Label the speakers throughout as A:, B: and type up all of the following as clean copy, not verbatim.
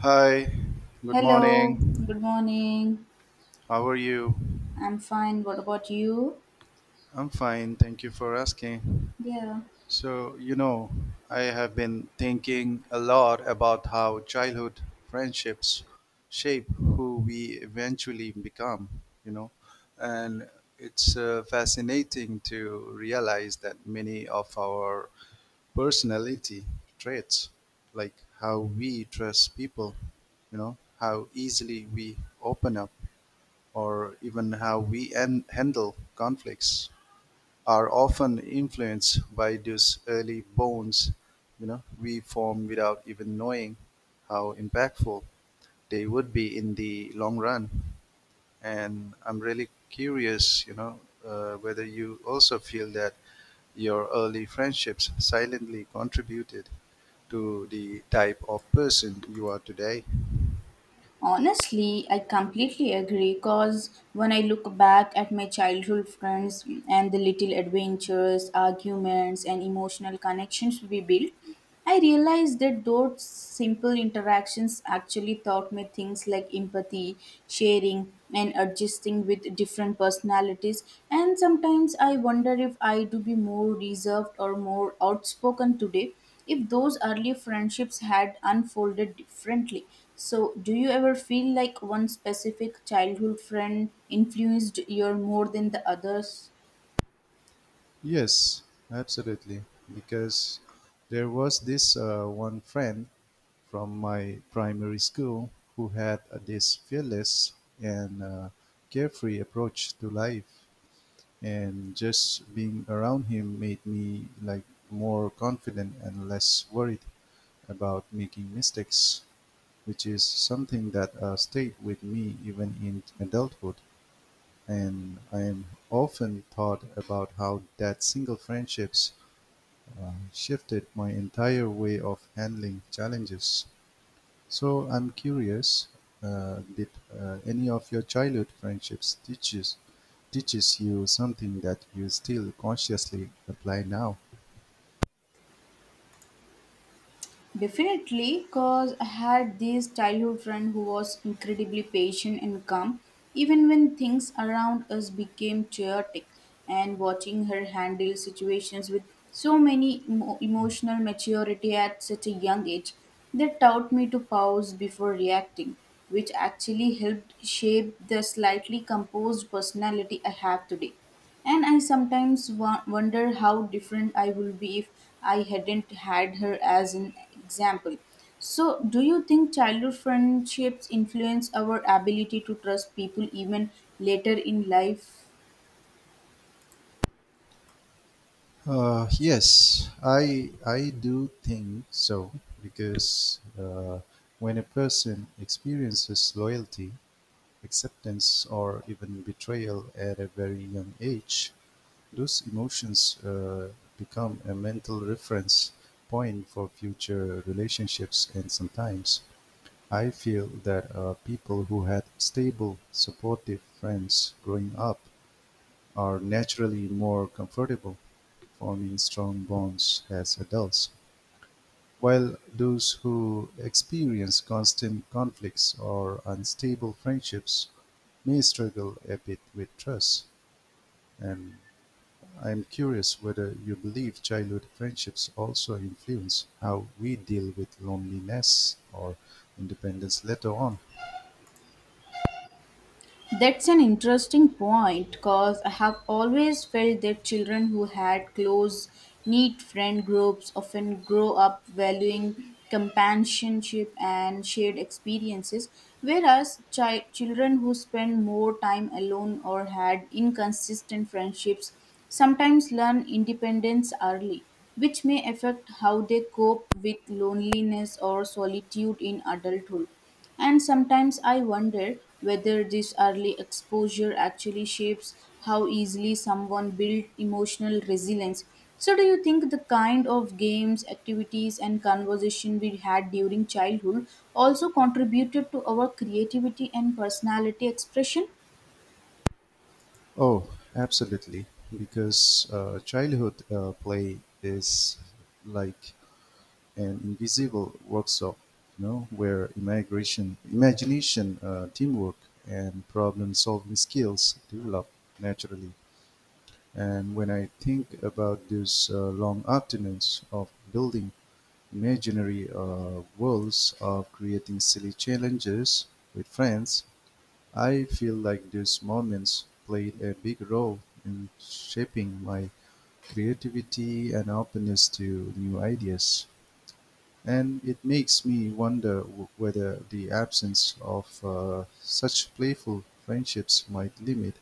A: Hi, good
B: Hello,
A: morning.
B: good morning.
A: How are you?
B: I'm fine. What about you?
A: I'm fine, thank you for asking.
B: Yeah.
A: So, I have been thinking a lot about how childhood friendships shape who we eventually become, you know, and it's fascinating to realize that many of our personality traits, like how we trust people, how easily we open up or even how we handle conflicts are often influenced by those early bonds we form without even knowing how impactful they would be in the long run. And I'm really curious, whether you also feel that your early friendships silently contributed to the type of person you are today.
B: Honestly, I completely agree because when I look back at my childhood friends and the little adventures, arguments, and emotional connections we built, I realize that those simple interactions actually taught me things like empathy, sharing, and adjusting with different personalities. And sometimes I wonder if I do be more reserved or more outspoken today if those early friendships had unfolded differently. So, do you ever feel like one specific childhood friend influenced you more than the others?
A: Yes, absolutely. Because there was this one friend from my primary school who had this fearless and carefree approach to life, and just being around him made me like more confident and less worried about making mistakes, which is something that stayed with me even in adulthood. And I am often thought about how that single friendships shifted my entire way of handling challenges. So I'm curious, did any of your childhood friendships teaches you something that you still consciously apply now?
B: Definitely, because I had this childhood friend who was incredibly patient and calm, even when things around us became chaotic. And watching her handle situations with so many emotional maturity at such a young age, that taught me to pause before reacting, which actually helped shape the slightly composed personality I have today. And I sometimes wonder how different I would be if I hadn't had her as an example. So, do you think childhood friendships influence our ability to trust people even later in life?
A: Yes, I do think so because when a person experiences loyalty, acceptance, or even betrayal at a very young age, those emotions become a mental reference point for future relationships, and sometimes I feel that people who had stable, supportive friends growing up are naturally more comfortable forming strong bonds as adults, while those who experience constant conflicts or unstable friendships may struggle a bit with trust. And I am curious whether you believe childhood friendships also influence how we deal with loneliness or independence later on.
B: That's an interesting point because I have always felt that children who had close, neat friend groups often grow up valuing companionship and shared experiences, whereas children who spend more time alone or had inconsistent friendships sometimes learn independence early, which may affect how they cope with loneliness or solitude in adulthood. And sometimes I wonder whether this early exposure actually shapes how easily someone builds emotional resilience. So, do you think the kind of games, activities, and conversation we had during childhood also contributed to our creativity and personality expression?
A: Oh, absolutely. Because childhood play is like an invisible workshop, where imagination, teamwork, and problem-solving skills develop naturally. And when I think about those long afternoons of building imaginary worlds, of creating silly challenges with friends, I feel like these moments played a big role in shaping my creativity and openness to new ideas. And it makes me wonder whether the absence of such playful friendships might limit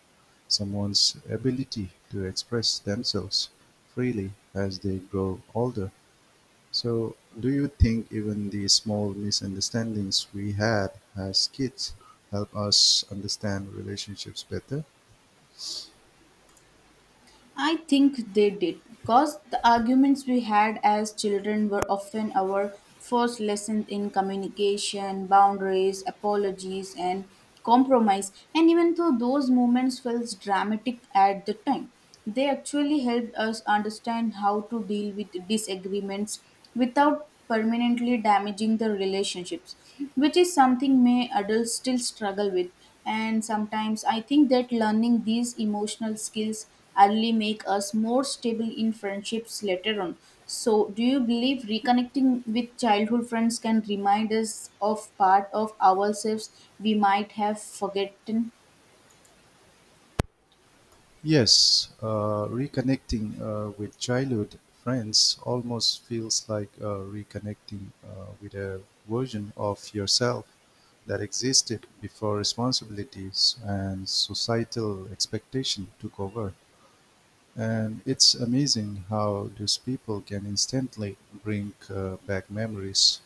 A: someone's ability to express themselves freely as they grow older. So, do you think even the small misunderstandings we had as kids help us understand relationships better?
B: I think they did, because the arguments we had as children were often our first lessons in communication, boundaries, apologies, and compromise. And even though those moments felt dramatic at the time, they actually helped us understand how to deal with disagreements without permanently damaging the relationships, which is something may adults still struggle with. And sometimes I think that learning these emotional skills early make us more stable in friendships later on. So, do you believe reconnecting with childhood friends can remind us of part of ourselves we might have forgotten?
A: Yes, reconnecting with childhood friends almost feels like reconnecting with a version of yourself that existed before responsibilities and societal expectation took over. And it's amazing how these people can instantly bring back memories,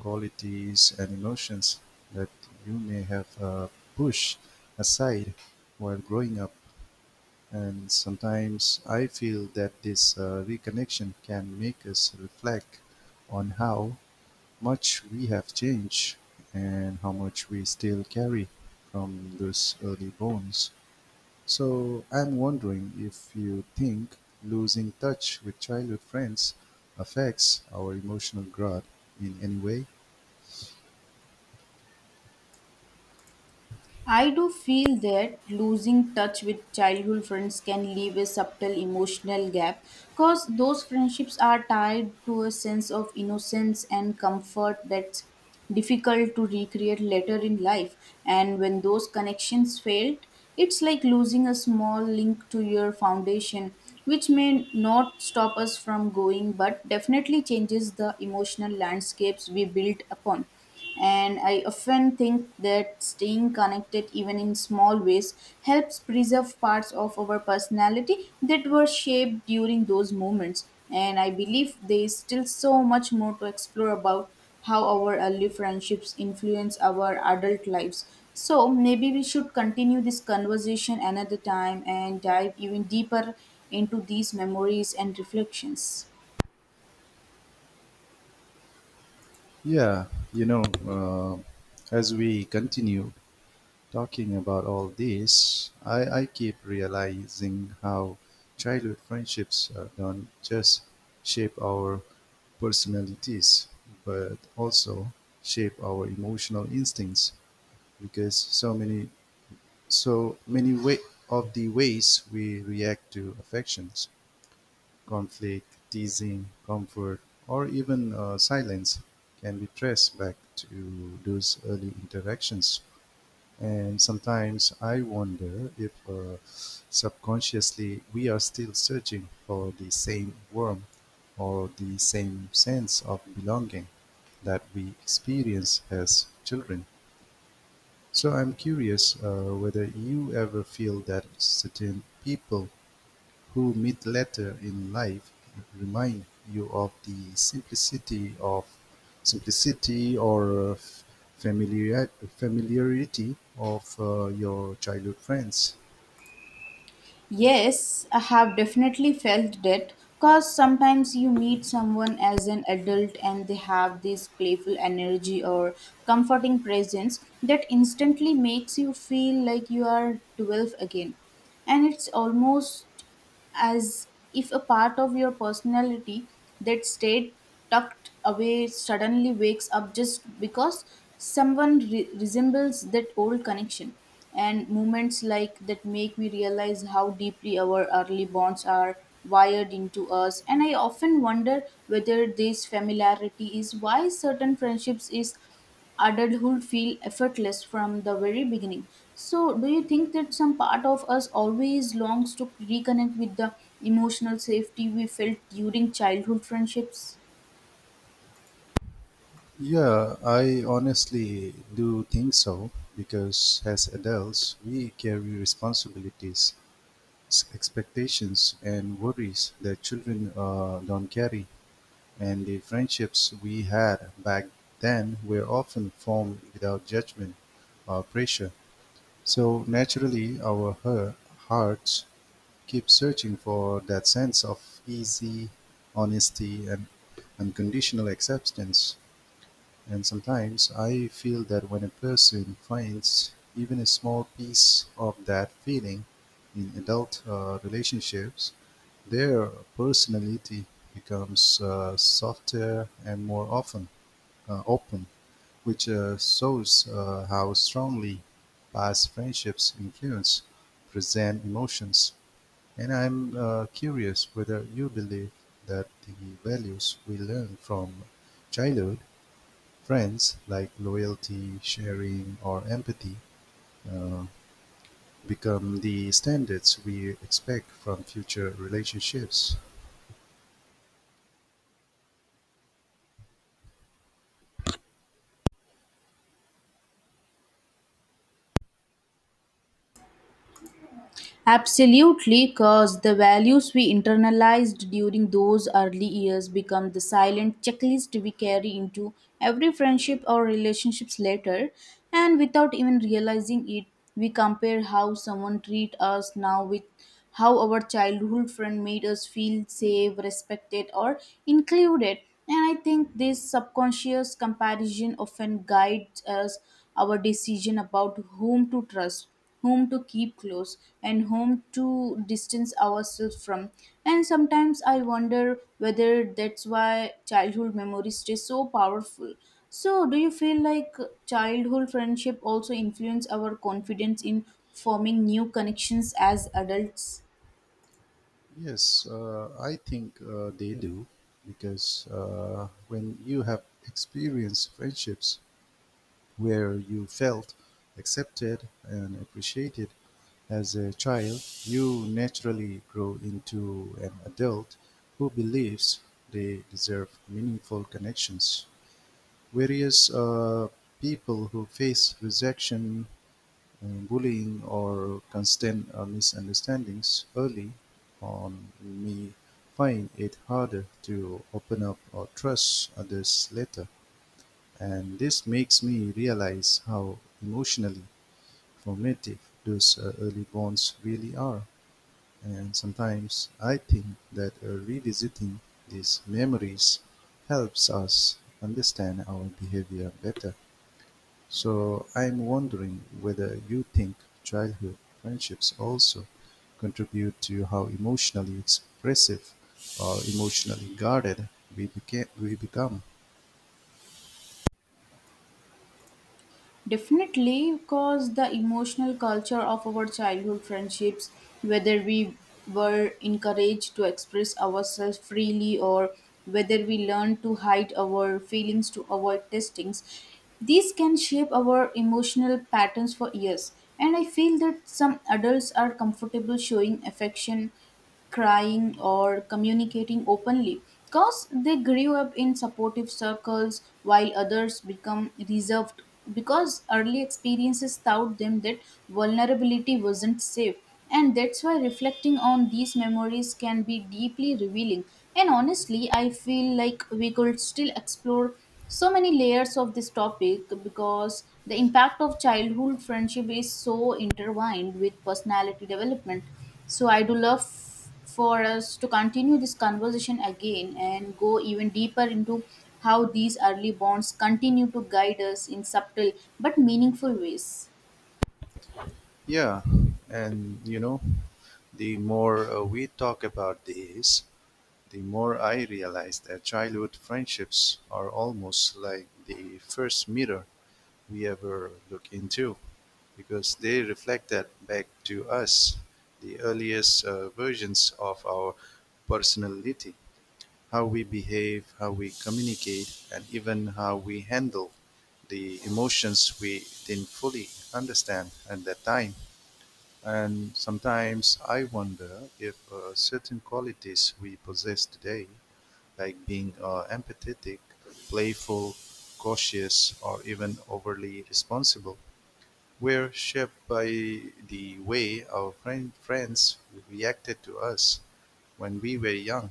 A: qualities, and emotions that you may have pushed aside while growing up. And sometimes I feel that this reconnection can make us reflect on how much we have changed and how much we still carry from those early bonds. So I'm wondering if you think losing touch with childhood friends affects our emotional growth in any way?
B: I do feel that losing touch with childhood friends can leave a subtle emotional gap because those friendships are tied to a sense of innocence and comfort that's difficult to recreate later in life. And when those connections fail, it's like losing a small link to your foundation, which may not stop us from going but definitely changes the emotional landscapes we build upon. And I often think that staying connected even in small ways helps preserve parts of our personality that were shaped during those moments. And I believe there is still so much more to explore about how our early friendships influence our adult lives, so maybe we should continue this conversation another time and dive even deeper into these memories and reflections.
A: Yeah, you know, uh, as we continue talking about all this, I keep realizing how childhood friendships don't just shape our personalities, but also shape our emotional instincts, because so many So many way of the ways we react to affections, conflict, teasing, comfort, or even silence, can be traced back to those early interactions. And sometimes I wonder if subconsciously we are still searching for the same warmth or the same sense of belonging that we experience as children. So I'm curious whether you ever feel that certain people who meet later in life remind you of the simplicity or familiar, familiarity of your childhood friends.
B: Yes, I have definitely felt that because sometimes you meet someone as an adult and they have this playful energy or comforting presence that instantly makes you feel like you are 12 again. And it's almost as if a part of your personality that stayed tucked away suddenly wakes up just because someone resembles that old connection, and moments like that make me realize how deeply our early bonds are wired into us. And I often wonder whether this familiarity is why certain friendships is adulthood feel effortless from the very beginning. So, do you think that some part of us always longs to reconnect with the emotional safety we felt during childhood friendships?
A: Yeah, I honestly do think so because as adults, we carry responsibilities, expectations, and worries that children don't carry. And the friendships we had back then were often formed without judgment or pressure. So naturally, our hearts keep searching for that sense of easy honesty and unconditional acceptance. And sometimes I feel that when a person finds even a small piece of that feeling in adult relationships, their personality becomes softer and more often open, which shows how strongly past friendships influence present emotions. And I'm curious whether you believe that the values we learn from childhood friends, like loyalty, sharing, or empathy, uh, become the standards we expect from future relationships.
B: Absolutely, because the values we internalized during those early years become the silent checklist we carry into every friendship or relationships later, and without even realizing it, we compare how someone treats us now with how our childhood friend made us feel safe, respected, or included. And I think this subconscious comparison often guides us our decision about whom to trust, whom to keep close, and whom to distance ourselves from. And sometimes I wonder whether that's why childhood memories stay so powerful. So, do you feel like childhood friendship also influence our confidence in forming new connections as adults?
A: Yes, I think they do because when you have experienced friendships where you felt accepted and appreciated as a child, you naturally grow into an adult who believes they deserve meaningful connections. Various people who face rejection, bullying, or constant misunderstandings early on may find it harder to open up or trust others later, and this makes me realize how emotionally formative those early bonds really are. And sometimes I think that revisiting these memories helps us understand our behavior better. So I'm wondering whether you think childhood friendships also contribute to how emotionally expressive or emotionally guarded we become.
B: Definitely, because the emotional culture of our childhood friendships, whether we were encouraged to express ourselves freely or whether we learned to hide our feelings to avoid testings, these can shape our emotional patterns for years. And I feel that some adults are comfortable showing affection, crying or communicating openly because they grew up in supportive circles, while others become reserved because early experiences taught them that vulnerability wasn't safe. And that's why reflecting on these memories can be deeply revealing. And honestly, I feel like we could still explore so many layers of this topic because the impact of childhood friendship is so intertwined with personality development, so I do love for us to continue this conversation again and go even deeper into how these early bonds continue to guide us in subtle but meaningful ways.
A: Yeah, and you know, the more we talk about this, the more I realize that childhood friendships are almost like the first mirror we ever look into, because they reflect that back to us, the earliest versions of our personality, how we behave, how we communicate, and even how we handle the emotions we didn't fully understand at that time. And sometimes I wonder if certain qualities we possess today, like being empathetic, playful, cautious, or even overly responsible, we're shaped by the way our friends reacted to us when we were young.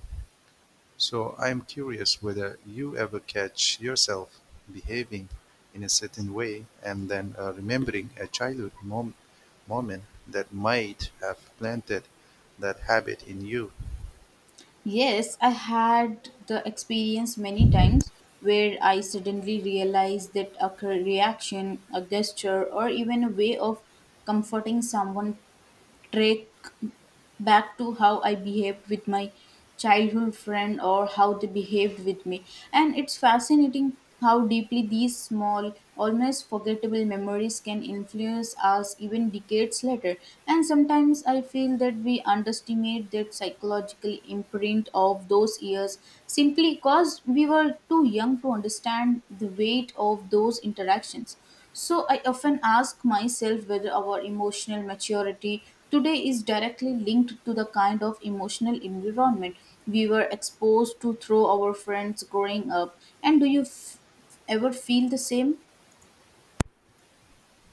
A: So I'm curious whether you ever catch yourself behaving in a certain way and then remembering a childhood moment that might have planted that habit in you.
B: Yes, I had the experience many times where I suddenly realized that a reaction, a gesture, or even a way of comforting someone trick back to how I behaved with my childhood friend or how they behaved with me. And it's fascinating how deeply these small, almost forgettable memories can influence us even decades later. And sometimes I feel that we underestimate that psychological imprint of those years simply because we were too young to understand the weight of those interactions. So I often ask myself whether our emotional maturity today is directly linked to the kind of emotional environment we were exposed to through our friends growing up. And do you ever feel the same?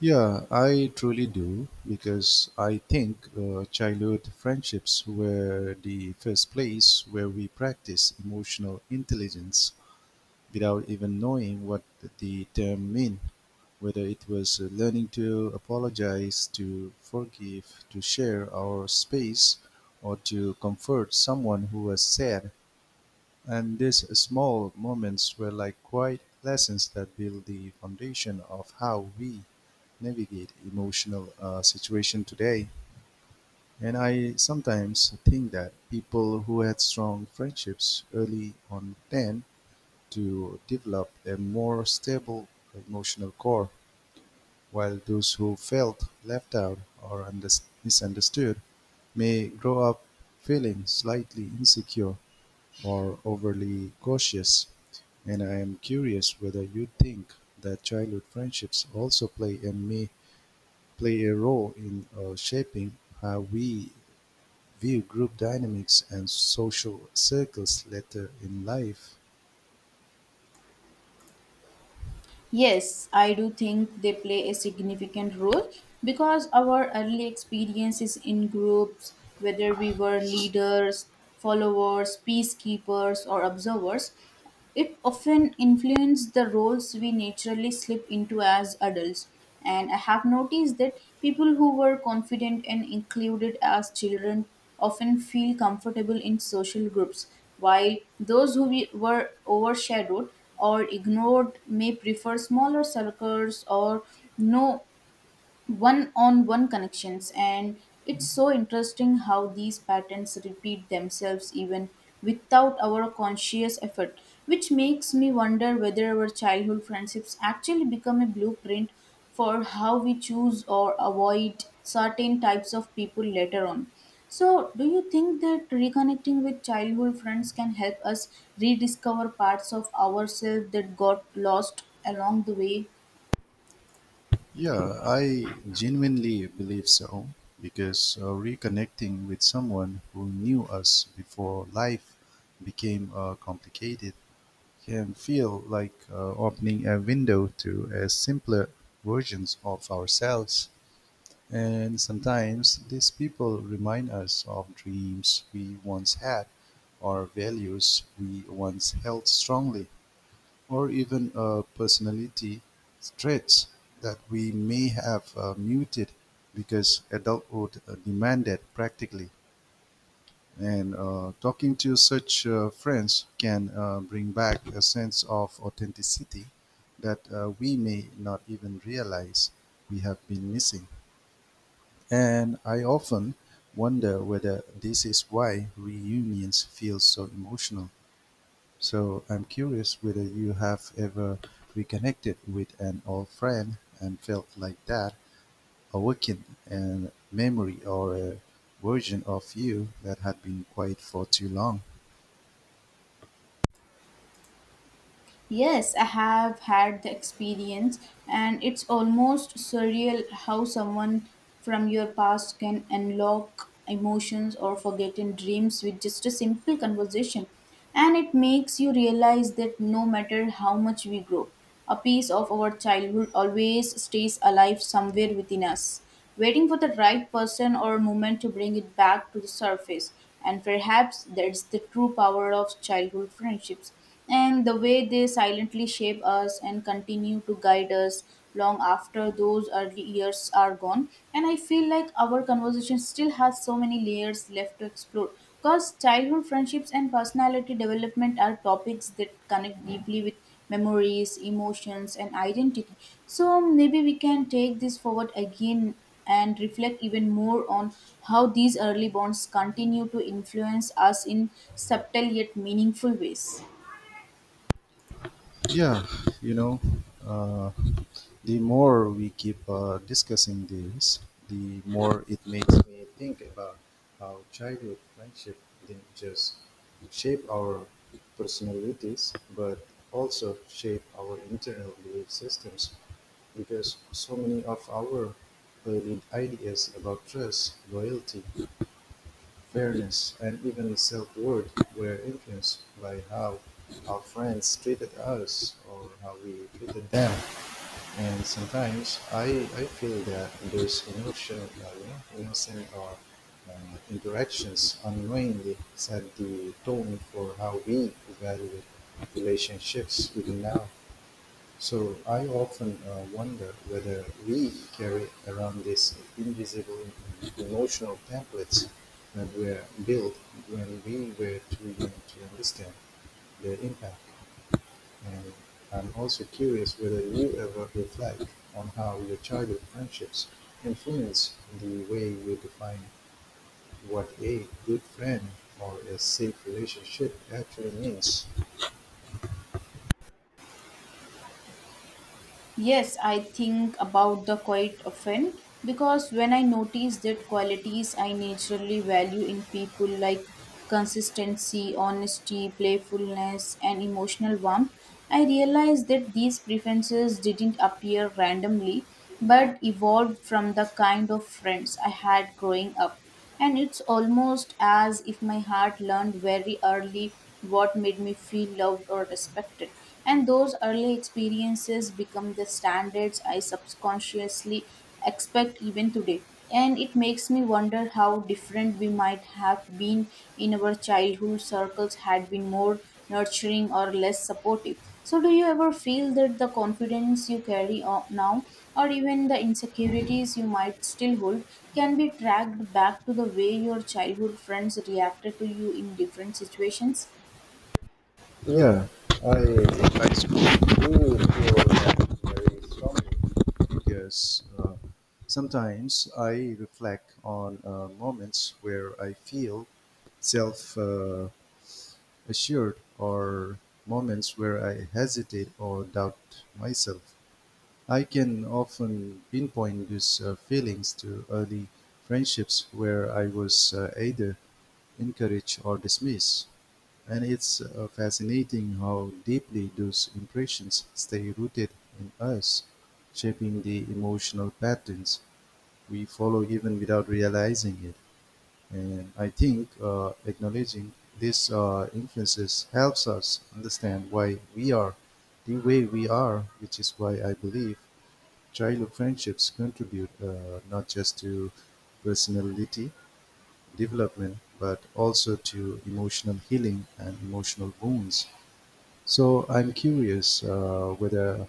A: Yeah, I truly do because I think childhood friendships were the first place where we practice emotional intelligence without even knowing what the term meant, whether it was learning to apologize, to forgive, to share our space, or to comfort someone who was sad. And these small moments were like quiet lessons that build the foundation of how we navigate emotional situation today. And I sometimes think that people who had strong friendships early on then to develop a more stable emotional core, while those who felt left out or misunderstood may grow up feeling slightly insecure or overly cautious. And I am curious whether you think that childhood friendships also play a role in shaping how we view group dynamics and social circles later in life.
B: Yes, I do think they play a significant role because our early experiences in groups, whether we were leaders, followers, peacekeepers, or observers, it often influences the roles we naturally slip into as adults. And I have noticed that people who were confident and included as children often feel comfortable in social groups, while those who were overshadowed or ignored may prefer smaller circles or no one on one connections. And it's so interesting how these patterns repeat themselves even without our conscious effort, which makes me wonder whether our childhood friendships actually become a blueprint for how we choose or avoid certain types of people later on. So, do you think that reconnecting with childhood friends can help us rediscover parts of ourselves that got lost along the way?
A: Yeah, I genuinely believe so because reconnecting with someone who knew us before life became complicated can feel like opening a window to a simpler versions of ourselves. And sometimes these people remind us of dreams we once had or values we once held strongly or even personality traits that we may have muted because adulthood demanded practically. And talking to such friends can bring back a sense of authenticity that we may not even realize we have been missing. And I often wonder whether this is why reunions feel so emotional. So I'm curious whether you have ever reconnected with an old friend and felt like that awakened a memory or a version of you that had been quiet for too long.
B: Yes, I have had the experience, and it's almost surreal how someone from your past can unlock emotions or forgotten dreams with just a simple conversation. And it makes you realize that no matter how much we grow, a piece of our childhood always stays alive somewhere within us waiting for the right person or moment to bring it back to the surface. And perhaps that's the true power of childhood friendships and the way they silently shape us and continue to guide us long after those early years are gone. And I feel like our conversation still has so many layers left to explore because childhood friendships and personality development are topics that connect deeply with memories, emotions, and identity. So maybe we can take this forward again and reflect even more on how these early bonds continue to influence us in subtle yet meaningful ways.
A: Yeah, you know, uh, the more we keep discussing this, the more it makes me think about how childhood friendship didn't just shape our personalities, but also shape our internal belief systems, because so many of our early ideas about trust, loyalty, fairness, and even self-worth were influenced by how our friends treated us or how we treated them. And sometimes I feel that those emotional, innocent or uh, interactions unknowingly set the tone for how we evaluate relationships even now. So I often wonder whether we carry around these invisible emotional templates that were built when we were too young to understand their impact. And I'm also curious whether you ever reflect on how your childhood friendships influence the way you define what a good friend or a safe relationship actually means.
B: Yes, I think about the quite often because when I notice that qualities I naturally value in people like consistency, honesty, playfulness, and emotional warmth, I realize that these preferences didn't appear randomly but evolved from the kind of friends I had growing up. And it's almost as if my heart learned very early what made me feel loved or respected. And those early experiences become the standards I subconsciously expect even today. And it makes me wonder how different we might have been in our childhood circles had been more nurturing or less supportive. So, do you ever feel that the confidence you carry now, or even the insecurities you might still hold, can be tracked back to the way your childhood friends reacted to you in different situations?
A: Yeah, I do high school. Do feel that very strongly because sometimes I reflect on moments where I feel self assured or moments where I hesitate or doubt myself. I can often pinpoint these feelings to early friendships where I was either encouraged or dismissed. And it's fascinating how deeply those impressions stay rooted in us, shaping the emotional patterns we follow even without realizing it. And I think acknowledging these influences helps us understand why we are the way we are, which is why I believe childhood friendships contribute not just to personality development but also to emotional healing and emotional wounds. So I'm curious whether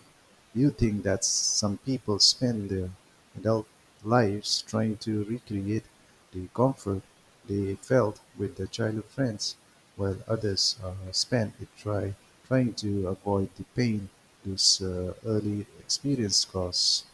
A: you think that some people spend their adult lives trying to recreate the comfort they felt with their childhood friends, while others spend it trying to avoid the pain those early experience caused.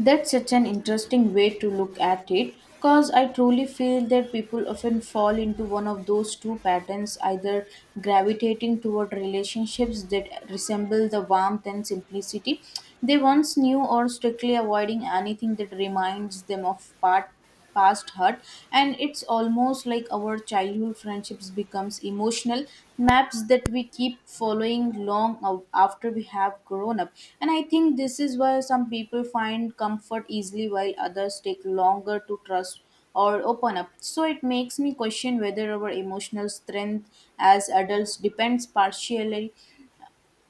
B: That's such an interesting way to look at it because I truly feel that people often fall into one of those two patterns, either gravitating toward relationships that resemble the warmth and simplicity they once knew, or strictly avoiding anything that reminds them of part past hurt. And it's almost like our childhood friendships becomes emotional maps that we keep following long after we have grown up. And I think this is why some people find comfort easily while others take longer to trust or open up. So it makes me question whether our emotional strength as adults depends partially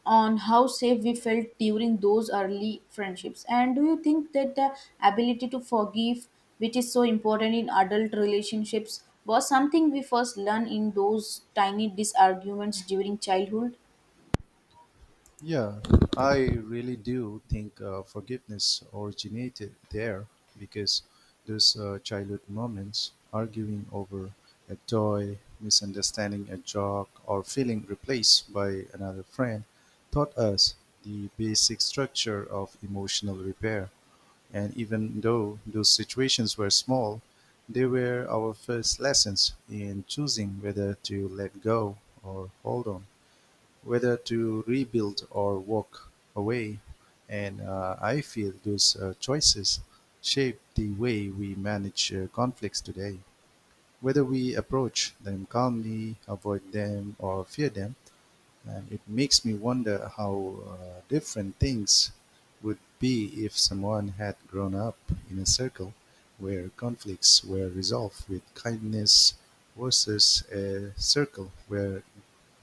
B: on how safe we felt during those early friendships. And do you think that the ability to forgive, which is so important in adult relationships, was something we first learned in those tiny disarguments during childhood?
A: Yeah, I really do think forgiveness originated there because those childhood moments, arguing over a toy, misunderstanding a joke, or feeling replaced by another friend, taught us the basic structure of emotional repair. And even though those situations were small, they were our first lessons in choosing whether to let go or hold on, whether to rebuild or walk away, and I feel those choices shape the way we manage conflicts today, whether we approach them calmly, avoid them, or fear them. And it makes me wonder how different things would be if someone had grown up in a circle where conflicts were resolved with kindness versus a circle where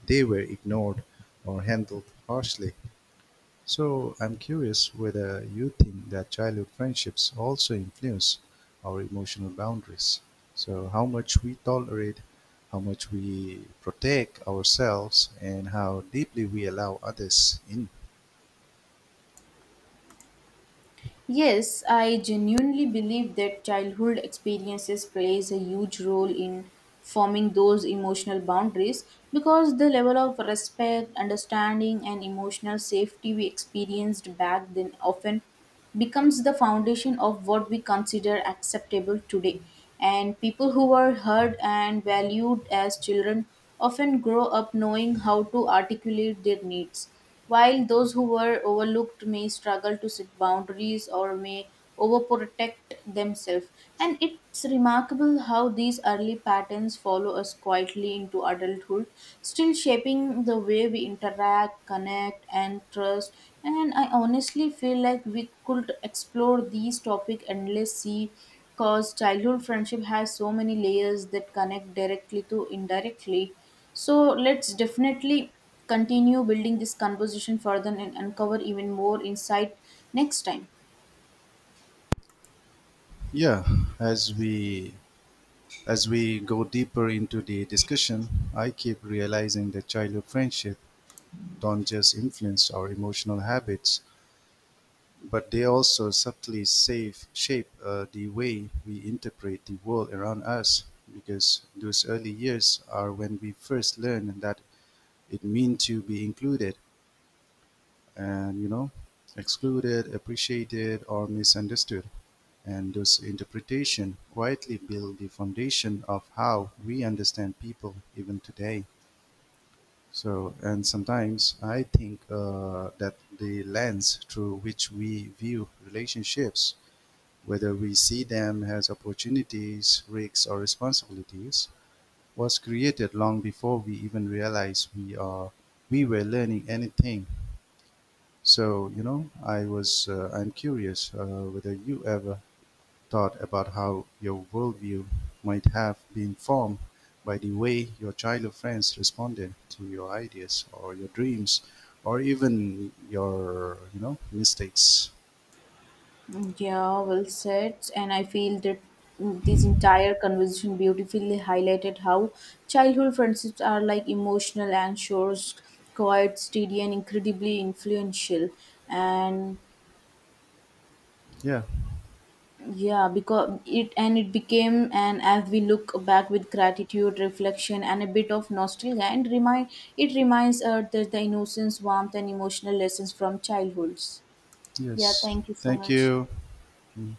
A: they were ignored or handled harshly. So I'm curious whether you think that childhood friendships also influence our emotional boundaries, so how much we tolerate, how much we protect ourselves, and how deeply we allow others in.
B: Yes, I genuinely believe that childhood experiences plays a huge role in forming those emotional boundaries because the level of respect, understanding and emotional safety we experienced back then often becomes the foundation of what we consider acceptable today. And people who were heard and valued as children often grow up knowing how to articulate their needs, while those who were overlooked may struggle to set boundaries or may overprotect themselves. And it's remarkable how these early patterns follow us quietly into adulthood, still shaping the way we interact, connect, and trust. And I honestly feel like we could explore these topics endlessly because childhood friendship has so many layers that connect directly to indirectly, so let's definitely continue building this conversation further and uncover even more insight next time.
A: Yeah, as we as we go deeper into the discussion, I keep realizing that childhood friendship don't just influence our emotional habits, but they also subtly shape the way we interpret the world around us, because those early years are when we first learn that it means to be included and, excluded, appreciated, or misunderstood. And those interpretation quietly build the foundation of how we understand people even today. And sometimes I think that the lens through which we view relationships, whether we see them as opportunities, risks, or responsibilities, was created long before we even realized we were learning anything. So I'm curious whether you ever thought about how your worldview might have been formed by the way your childhood friends responded to your ideas or your dreams or even your mistakes.
B: Yeah, well said. And I feel that this entire conversation beautifully highlighted how childhood friendships are like emotional and shores, quiet, steady, and incredibly influential. And
A: Yeah.
B: yeah, because it and it became and as we look back with gratitude, reflection, and a bit of nostalgia, and remind it reminds us that the innocence, warmth, and emotional lessons from childhoods. Yeah,
A: Yes.
B: thank you so
A: Thank
B: much.
A: you. Mhm.